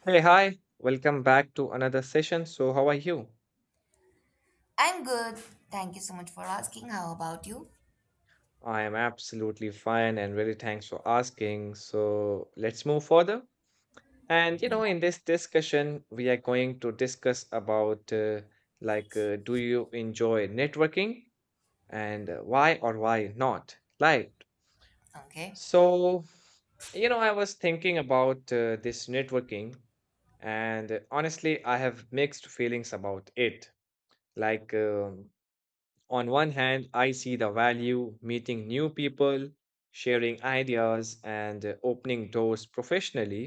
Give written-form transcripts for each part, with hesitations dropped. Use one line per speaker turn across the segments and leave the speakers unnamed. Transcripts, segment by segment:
Hey, hi. Welcome back to another session. So, how are you?
I'm good. Thank you so much for asking. How about you?
I am absolutely fine and really thanks for asking. So, let's move further. In this discussion, we are going to discuss about do you enjoy networking and why or why not?
Okay.
So I was thinking about this networking and honestly, I have mixed feelings about it. Like, um On one hand, I see the value meeting new people, sharing ideas, and opening doors professionally.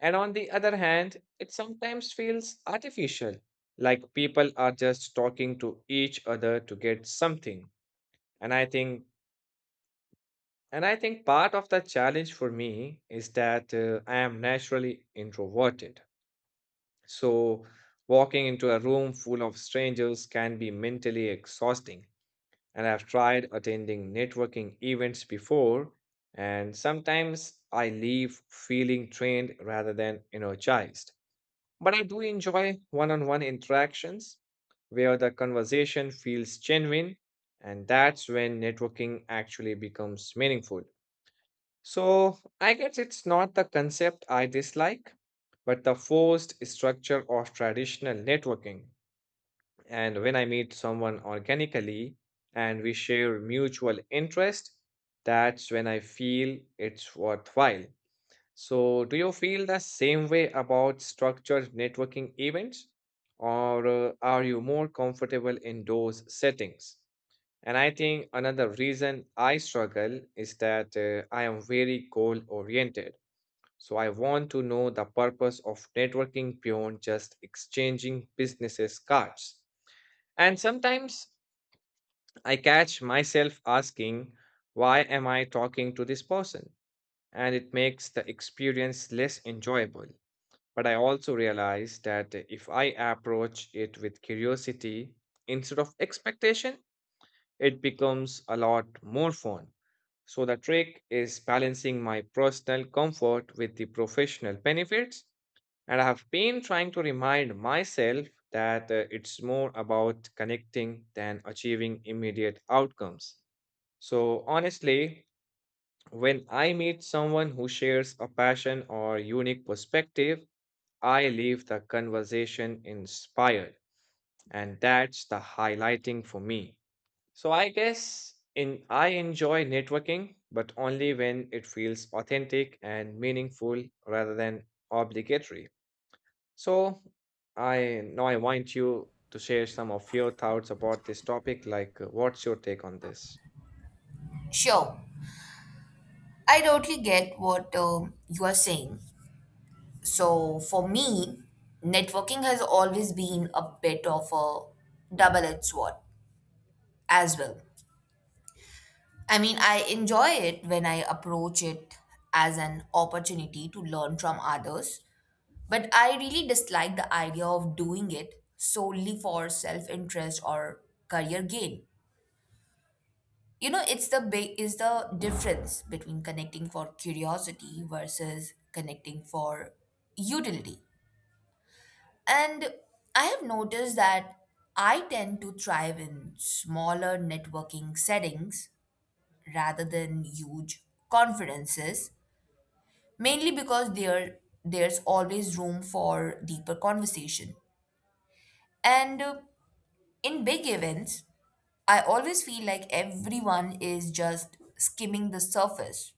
And on the other hand, it sometimes feels artificial, like people are just talking to each other to get something. And I think and I think part of the challenge for me is that I am naturally introverted. So walking into a room full of strangers can be mentally exhausting, and I've tried attending networking events before, and sometimes I leave feeling drained rather than energized. But I do enjoy one on one interactions where the conversation feels genuine, and that's when networking actually becomes meaningful. So I guess it's not the concept I dislike, but the forced structure of traditional networking. And when I meet someone organically and we share mutual interest, that's when I feel it's worthwhile. So, do you feel the same way about structured networking events, or are you more comfortable in those settings? And I think another reason I struggle is that I am very goal oriented. So, I want to know the purpose of networking beyond just exchanging businesses cards. And sometimes I catch myself asking, why am I talking to this person? And it makes the experience less enjoyable. But I also realize that if I approach it with curiosity instead of expectation, it becomes a lot more fun. So the trick is balancing my personal comfort with the professional benefits, and I have been trying to remind myself that it's more about connecting than achieving immediate outcomes. So, honestly, when I meet someone who shares a passion or unique perspective, I leave the conversation inspired. And that's the highlighting for me. So, I guess in I enjoy networking, but only when it feels authentic and meaningful rather than obligatory. So, I want you to share some of your thoughts about this topic. What's your take on this?
Sure. I totally get what you are saying. So, for me, networking has always been a bit of a double edged sword as well. I mean, I enjoy it when I approach it as an opportunity to learn from others, but I really dislike the idea of doing it solely for self interest or career gain. You know, it's the big is the difference between connecting for curiosity versus connecting for utility. And I have noticed that I tend to thrive in smaller networking settings rather than huge conferences, mainly because there's always room for deeper conversation. And In big events, I always feel like everyone is just skimming the surface,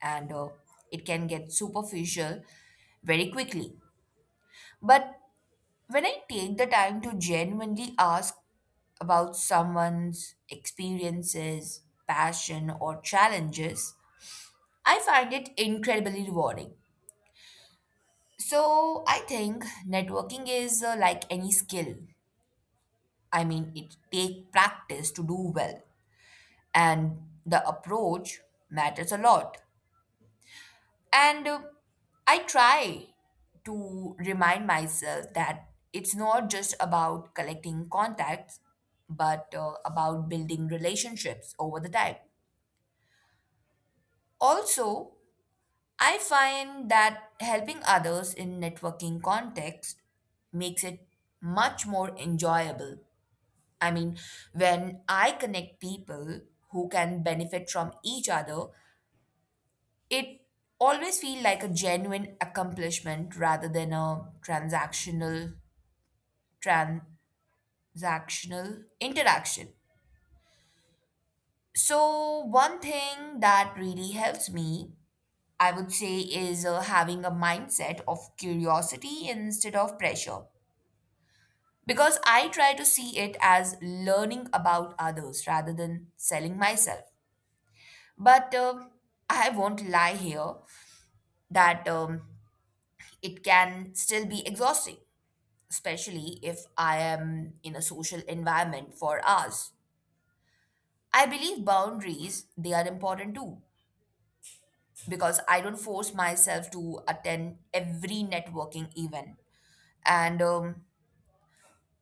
and it can get superficial very quickly. But when I take the time to genuinely ask about someone's experiences, passion, or challenges, I find it incredibly rewarding. So I think networking is like any skill. I mean, it takes practice to do well, and the approach matters a lot. And I try to remind myself that it's not just about collecting contacts, but about building relationships over the time. Also, I find that helping others in networking context makes it much more enjoyable. I mean, when I connect people who can benefit from each other, it always feels like a genuine accomplishment rather than a transactional interaction. So one thing that really helps me, I would say, is having a mindset of curiosity instead of pressure, because I try to see it as learning about others rather than selling myself. But I won't lie here that it can still be exhausting, especially if I am in a social environment for hours. I believe boundaries, they are important too, because I don't force myself to attend every networking event. And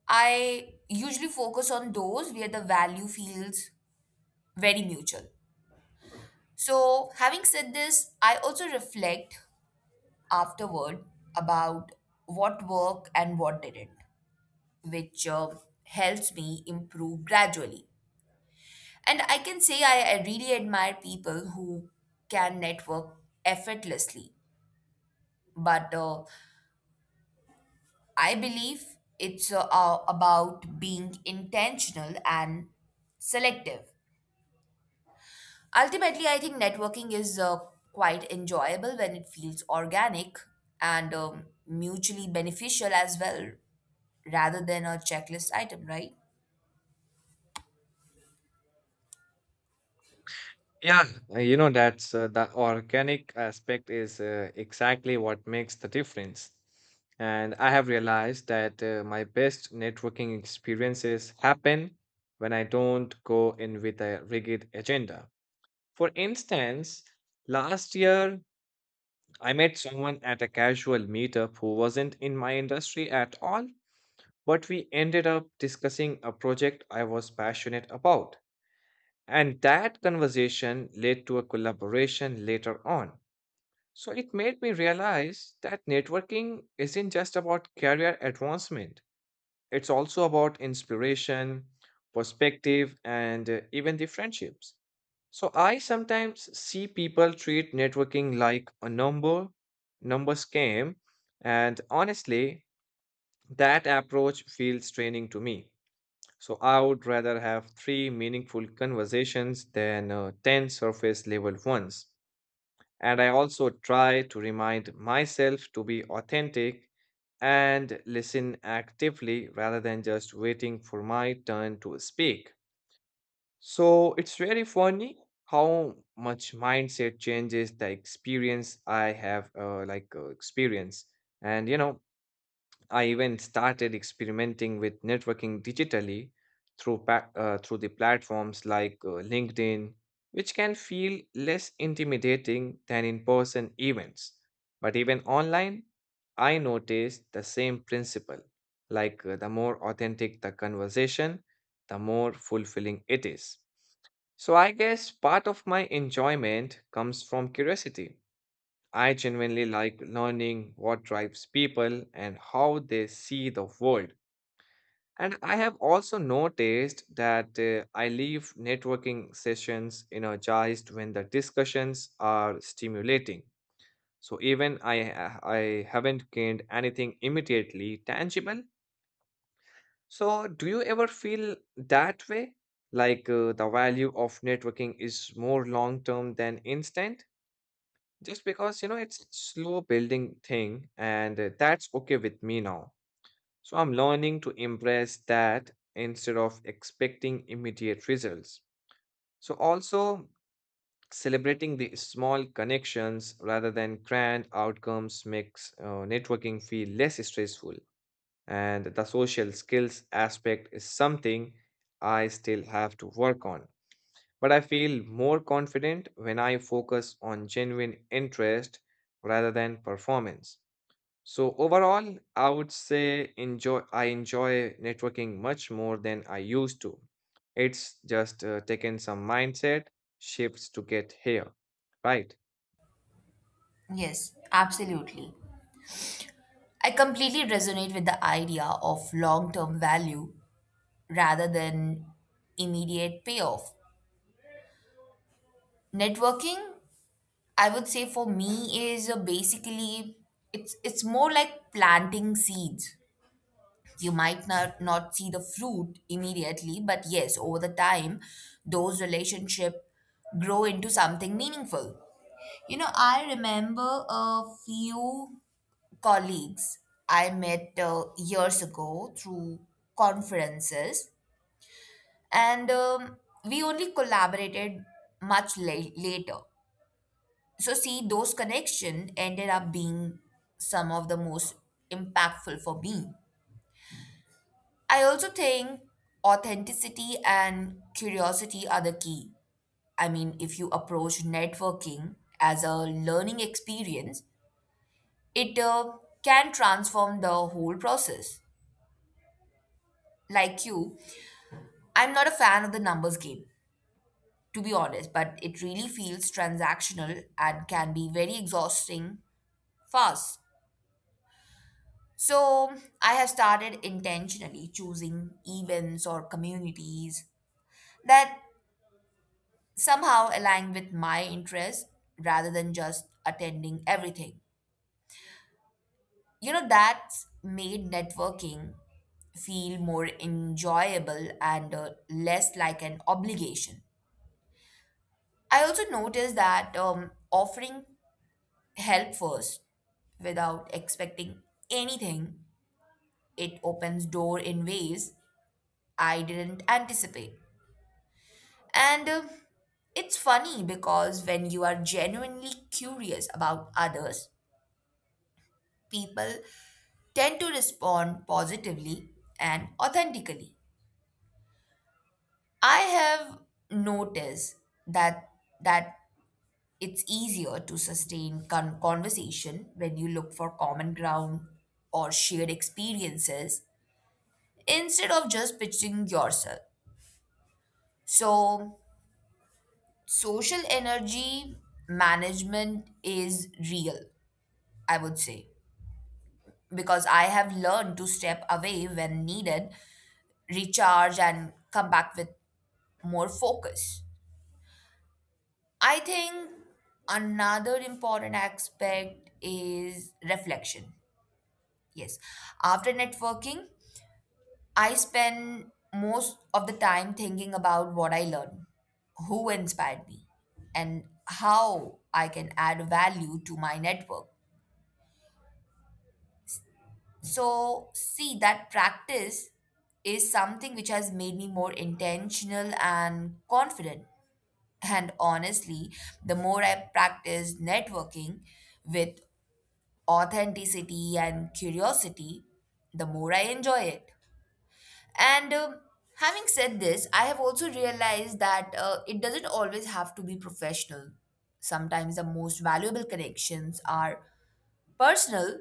I usually focus on those where the value feels very mutual. So, having said this, I also reflect afterward about what worked and what didn't, which helps me improve gradually. And I can say I really admire people who can network effortlessly. But I believe it's about being intentional and selective. Ultimately, I think networking is quite enjoyable when it feels organic and mutually beneficial as well, rather than a checklist item, right?
Yeah. You know, that's the organic aspect is exactly what makes the difference. And I have realized that my best networking experiences happen when I don't go in with a rigid agenda. For instance, last year I met someone at a casual meetup who wasn't in my industry at all, but we ended up discussing a project I was passionate about. And that conversation led to a collaboration later on. So it made me realize that networking isn't just about career advancement, it's also about inspiration, perspective, and even the friendships. So I sometimes see people treat networking like a numbers game, and honestly, that approach feels draining to me. So I would rather have three meaningful conversations than 10 surface level ones. And I also try to remind myself to be authentic and listen actively rather than just waiting for my turn to speak. So it's really funny how much mindset changes the experience I have, like experience. And you know, I even started experimenting with networking digitally through through the platforms like LinkedIn, which can feel less intimidating than in-person events. But even online, I noticed the same principle. The more authentic the conversation, the more fulfilling it is. So I guess part of my enjoyment comes from curiosity. I genuinely like learning what drives people and how they see the world. And I have also noticed that I leave networking sessions energized when the discussions are stimulating. So even I haven't gained anything immediately tangible. So do you ever feel that way? The value of networking is more long term than instant? Just because you know it's slow building thing, and that's okay with me now, so I'm learning to embrace that instead of expecting immediate results. So also, celebrating the small connections rather than grand outcomes makes networking feel less stressful, and the social skills aspect is something I still have to work on, but I feel more confident when I focus on genuine interest rather than performance. So overall, I would say enjoy I enjoy networking much more than I used to. It's just taken some mindset shifts to get here, right?
Yes, absolutely. I completely resonate with the idea of long term value rather than immediate payoff. Networking, I would say for me, is basically, it's more like planting seeds. You might not see the fruit immediately, but yes, over the time, those relationship grow into something meaningful. You know, I remember a few colleagues I met years ago through conferences, and we only collaborated later. So see, those connections ended up being some of the most impactful for me. I also think authenticity and curiosity are the key. I mean, if you approach networking as a learning experience, it can transform the whole process. Like you, I'm not a fan of the numbers game, to be honest, but it really feels transactional and can be very exhausting fast. So I have started intentionally choosing events or communities that somehow align with my interests rather than just attending everything. You know, that's made networking feel more enjoyable and less like an obligation. I also noticed that offering help first without expecting anything, it opens door in ways I didn't anticipate. And It's funny, because when you are genuinely curious about others, people tend to respond positively and authentically. I have noticed that that it's easier to sustain conversation when you look for common ground or shared experiences instead of just pitching yourself. So, social energy management is real, I would say, because I have learned to step away when needed, recharge, and come back with more focus. I think another important aspect is reflection. Yes, after networking, I spend most of the time thinking about what I learned, who inspired me, and how I can add value to my network. So, see, that practice is something which has made me more intentional and confident. And honestly, the more I practice networking with authenticity and curiosity, the more I enjoy it. And Having said this, I have also realized that it doesn't always have to be professional. Sometimes the most valuable connections are personal,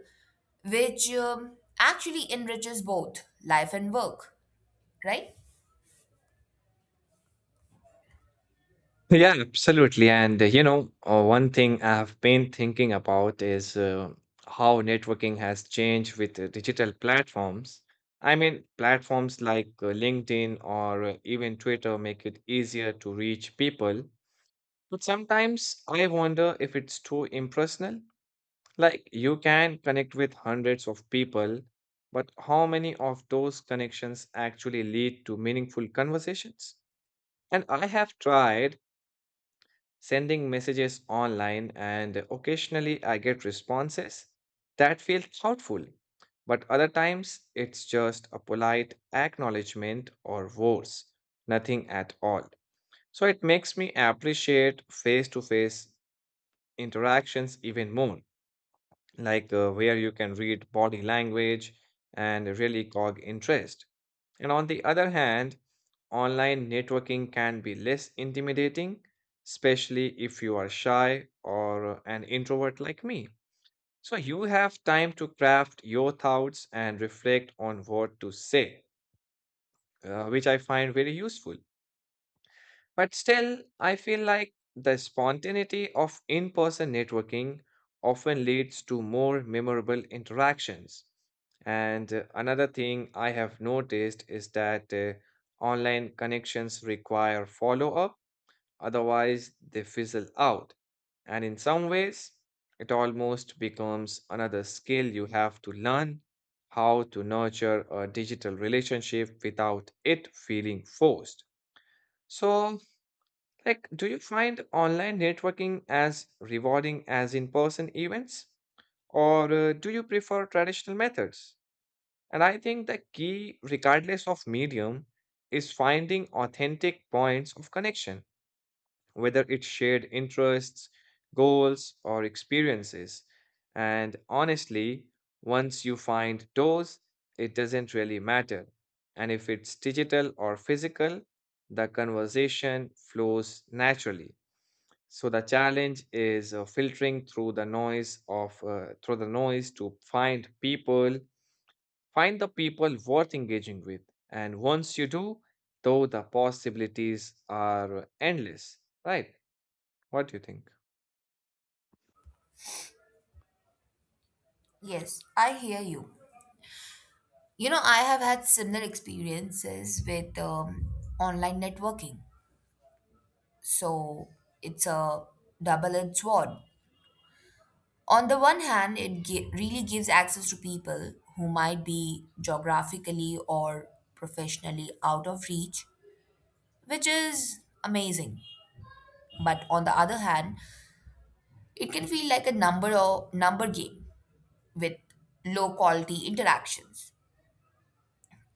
which actually enriches both life and work, right?
Yeah, absolutely. One thing I've been thinking about is how networking has changed with digital platforms. I mean, platforms like LinkedIn or even Twitter make it easier to reach people. But sometimes I wonder if it's too impersonal. Like, you can connect with hundreds of people, but how many of those connections actually lead to meaningful conversations? And I have tried sending messages online, and occasionally I get responses that feel thoughtful. But other times, it's just a polite acknowledgement or worse, nothing at all. So it makes me appreciate face to face interactions even more, where you can read body language and really cog interest. And on the other hand, online networking can be less intimidating, especially if you are shy or an introvert like me. So you have time to craft your thoughts and reflect on what to say, which I find very useful. But still, I feel like the spontaneity of in person networking often leads to more memorable interactions. And another thing I have noticed is that online connections require follow up, otherwise, they fizzle out. And in some ways, it almost becomes another skill you have to learn how to nurture a digital relationship without it feeling forced. So, like, do you find online networking as rewarding as in person events? Or do you prefer traditional methods? And I think the key, regardless of medium, is finding authentic points of connection, whether it's shared interests, goals, or experiences. And honestly, once you find those, it doesn't really matter. And if it's digital or physical, the conversation flows naturally. So the challenge is filtering through the noise of through the noise find the people worth engaging with. And once you do, though the possibilities are endless, right? What do you think?
Yes, I hear you. You know, I have had similar experiences with online networking. So it's a double edged sword. On the one hand, it really gives access to people who might be geographically or professionally out of reach, which is amazing. But on the other hand, it can feel like a number game with low quality interactions.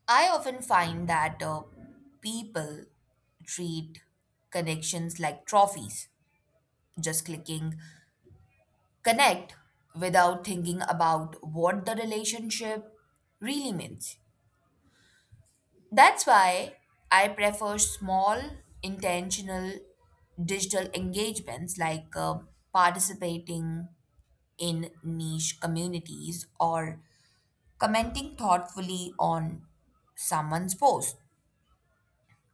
I often find that people treat connections like trophies, just clicking connect without thinking about what the relationship really means. That's why I prefer small, intentional digital engagements, like participating in niche communities or commenting thoughtfully on someone's post.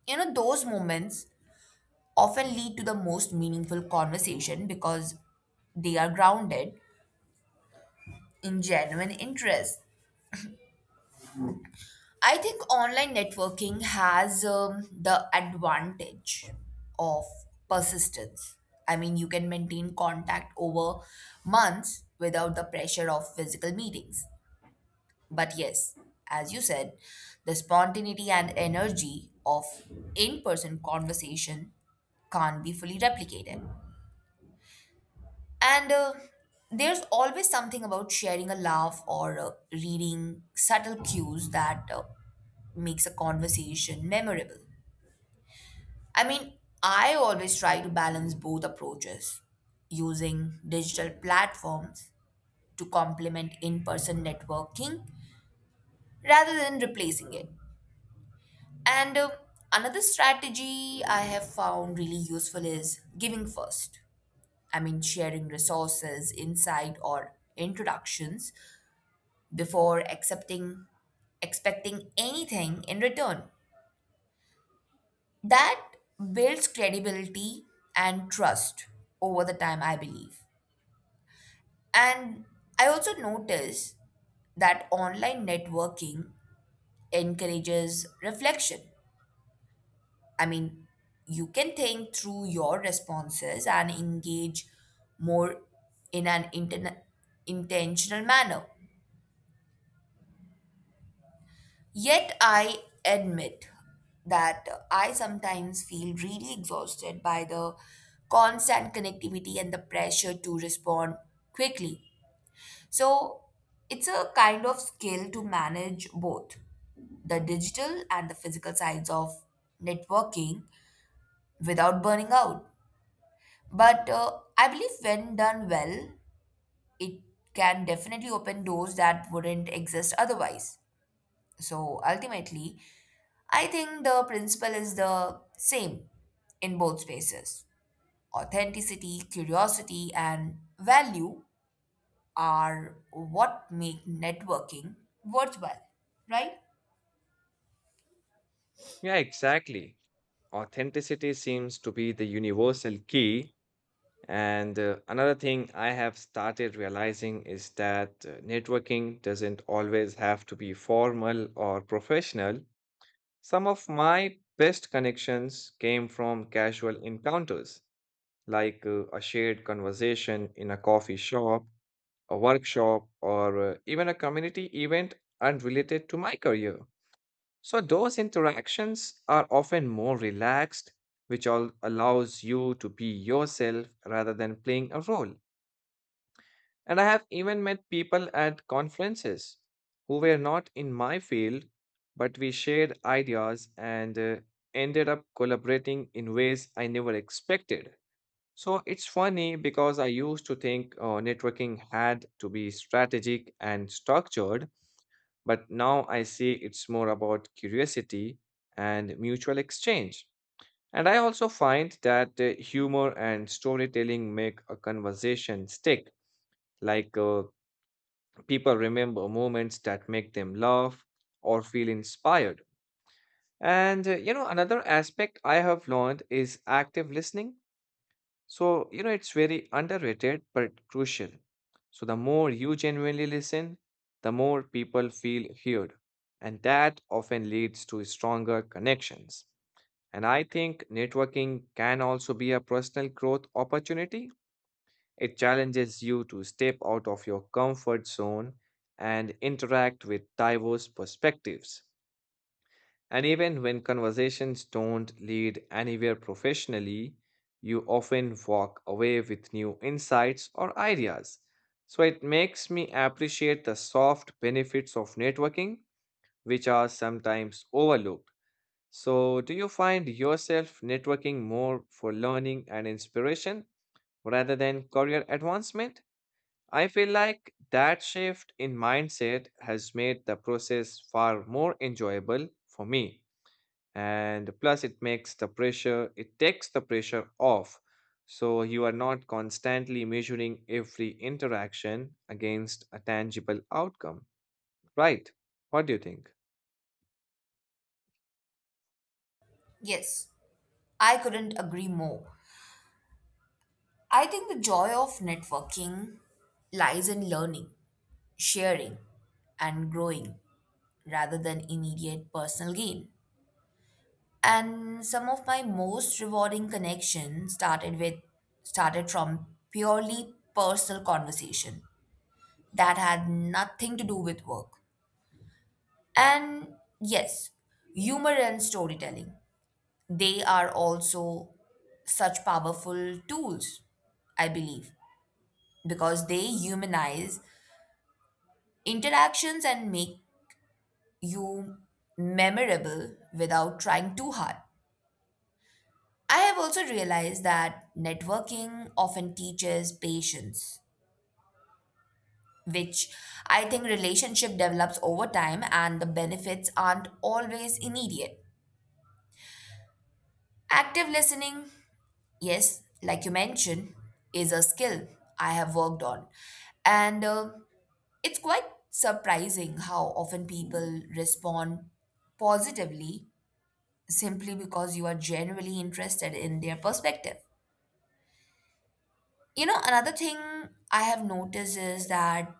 You know, those moments often lead to the most meaningful conversation because they are grounded in genuine interest. I think online networking has the advantage of persistence. I mean, you can maintain contact over months without the pressure of physical meetings. But yes, as you said, the spontaneity and energy of in person conversation can't be fully replicated. And There's always something about sharing a laugh or reading subtle cues that makes a conversation memorable. I mean, I always try to balance both approaches, using digital platforms to complement in person networking rather than replacing it. And Another strategy I have found really useful is giving first. I mean, sharing resources, insight, or introductions before accepting expecting anything in return, that builds credibility and trust over the time, I believe. And I also notice that online networking encourages reflection. I mean, you can think through your responses and engage more in an intern intentional manner. Yet I admit that I sometimes feel really exhausted by the constant connectivity and the pressure to respond quickly. So it's a kind of skill to manage both the digital and the physical sides of networking without burning out. But I believe when done well, it can definitely open doors that wouldn't exist otherwise. So ultimately, I think the principle is the same in both spaces. Authenticity, curiosity, and value are what make networking worthwhile, right?
Yeah, exactly. Authenticity seems to be the universal key. And another thing I have started realizing is that networking doesn't always have to be formal or professional. Some of my best connections came from casual encounters, like a shared conversation in a coffee shop, a workshop, or even a community event unrelated to my career. So, those interactions are often more relaxed, which all allows you to be yourself rather than playing a role. And I have even met people at conferences who were not in my field, but we shared ideas and ended up collaborating in ways I never expected. So it's funny because I used to think networking had to be strategic and structured, but now I see it's more about curiosity and mutual exchange. And I also find that humor and storytelling make a conversation stick, like people remember moments that make them laugh or feel inspired. And, another aspect I have learned is active listening. So, you know, it's very underrated but crucial. So, the more you genuinely listen, the more people feel heard. And that often leads to stronger connections. And I think networking can also be a personal growth opportunity. It challenges you to step out of your comfort zone and interact with diverse perspectives. And even when conversations don't lead anywhere professionally, you often walk away with new insights or ideas. So it makes me appreciate the soft benefits of networking, which are sometimes overlooked. So, do you find yourself networking more for learning and inspiration rather than career advancement? I feel like that shift in mindset has made the process far more enjoyable for me. And plus, it takes the pressure off. So you are not constantly measuring every interaction against a tangible outcome, right? What do you think?
Yes, I couldn't agree more. I think the joy of networking lies in learning, sharing, and growing rather than immediate personal gain. And some of my most rewarding connections started from purely personal conversation that had nothing to do with work. And yes, humor and storytelling, they are also such powerful tools, I believe, because they humanize interactions and make you memorable without trying too hard. I have also realized that networking often teaches patience, which I think relationship develops over time and the benefits aren't always immediate. Active listening, yes, like you mentioned, is a skill I have worked on. And It's quite surprising how often people respond positively simply because you are genuinely interested in their perspective. You know, another thing I have noticed is that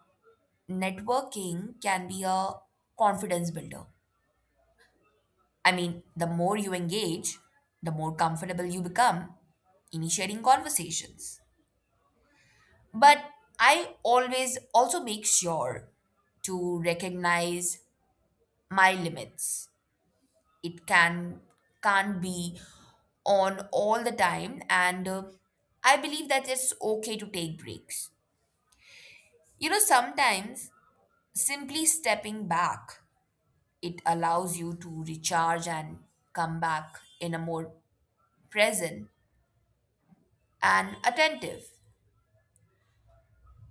networking can be a confidence builder. I mean, the more you engage, the more comfortable you become initiating conversations. But I always also make sure to recognize my limits. It can't be on all the time, and I believe that it's okay to take breaks. You know, sometimes simply stepping back, it allows you to recharge and come back in a more present and attentive.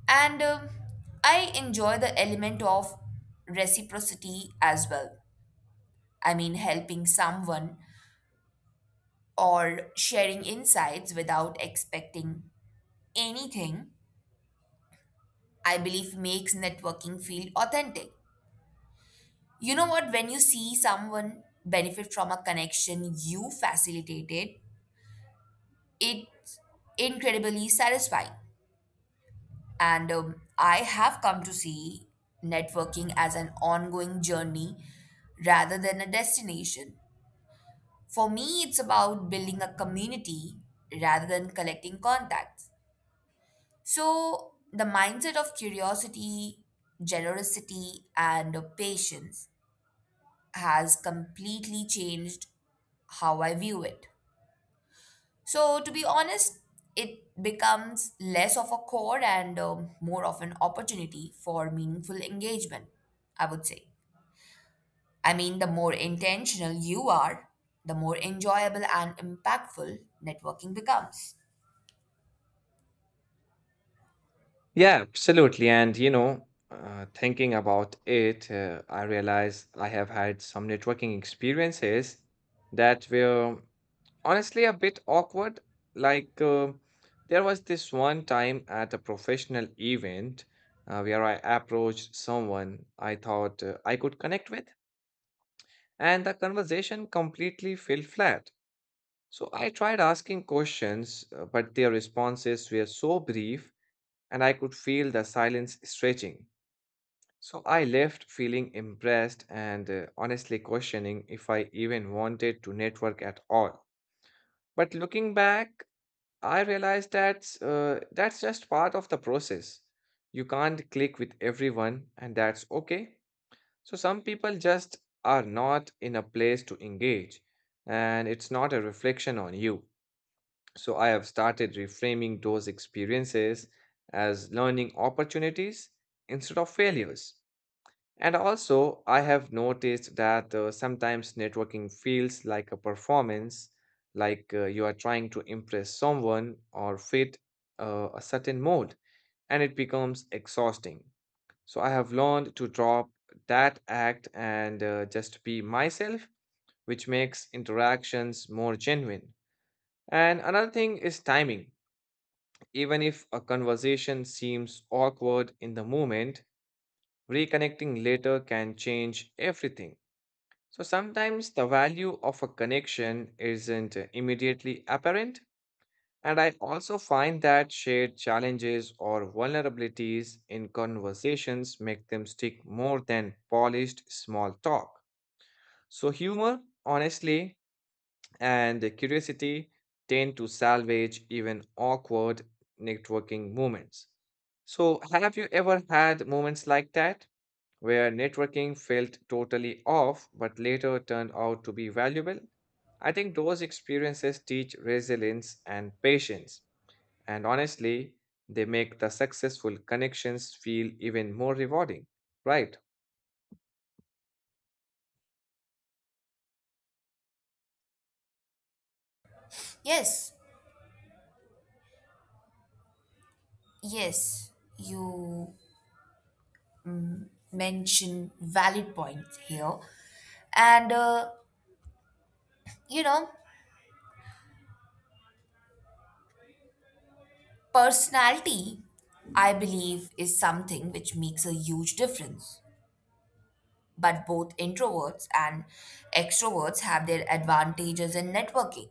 And I enjoy the element of reciprocity as well. I mean, helping someone or sharing insights without expecting anything, I believe makes networking feel authentic. You know what? When you see someone benefit from a connection you facilitated, it's incredibly satisfying. And I have come to see networking as an ongoing journey rather than a destination. For me, it's about building a community rather than collecting contacts. So, the mindset of curiosity, generosity, and patience has completely changed how I view it. So, to be honest, it becomes less of a core and more of an opportunity for meaningful engagement, I would say. I mean, the more intentional you are, the more enjoyable and impactful networking becomes.
Yeah, absolutely. Thinking about it, I realize I have had some networking experiences that were honestly a bit awkward. Like, uh, there was this one time at a professional event where I approached someone I thought I could connect with, and the conversation completely fell flat. So I tried asking questions, but their responses were so brief, and I could feel the silence stretching. So I left feeling impressed and honestly questioning if I even wanted to network at all. But looking back, I realized that's just part of the process. You can't click with everyone, and that's okay. So some people just are not in a place to engage, and it's not a reflection on you. So I have started reframing those experiences as learning opportunities instead of failures. And also, I have noticed that sometimes networking feels like a performance, like you are trying to impress someone or fit a certain mold, and it becomes exhausting. So, I have learned to drop that act and just be myself, which makes interactions more genuine. And another thing is timing. Even if a conversation seems awkward in the moment, reconnecting later can change everything. So sometimes the value of a connection isn't immediately apparent, and I also find that shared challenges or vulnerabilities in conversations make them stick more than polished small talk. So humor, honestly, and curiosity tend to salvage even awkward networking moments. So have you ever had moments like that, where networking felt totally off but later turned out to be valuable? I think those experiences teach resilience and patience, and honestly, they make the successful connections feel even more rewarding, right?
Yes, yes, you mention valid points here. And, you know, personality, I believe, is something which makes a huge difference. But both introverts and extroverts have their advantages in networking.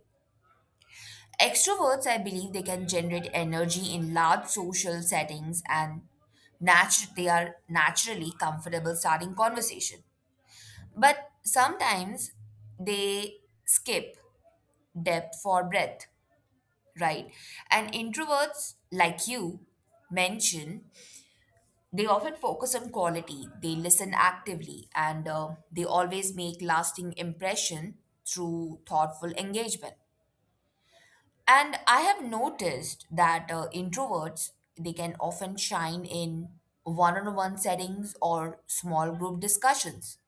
Extroverts, I believe, they can generate energy in large social settings, and they are naturally comfortable starting conversation. But sometimes they skip depth for breadth, right? And introverts, like you mentioned, they often focus on quality, they listen actively, and they always make lasting impression through thoughtful engagement. And I have noticed that introverts, they can often shine in one-on-one settings or small group discussions,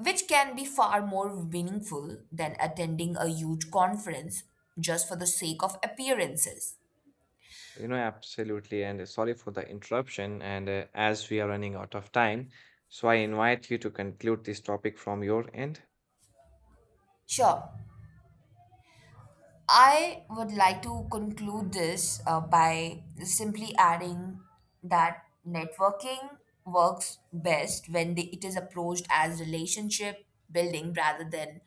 which can be far more meaningful than attending a huge conference just for the sake of appearances.
You know, absolutely. And sorry for the interruption. And As we are running out of time, so I invite you to conclude this topic from your end.
Sure, I would like to conclude this by simply adding that networking works best when it is approached as relationship building rather than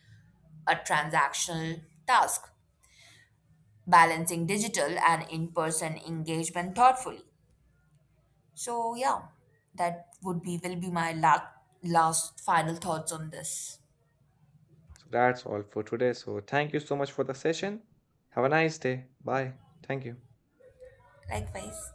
a transactional task, balancing digital and in person engagement thoughtfully. So, yeah, that would be will be my last final thoughts on this.
So that's all for today. So thank you so much for the session. Have a nice day. Bye. Thank you.
Likewise.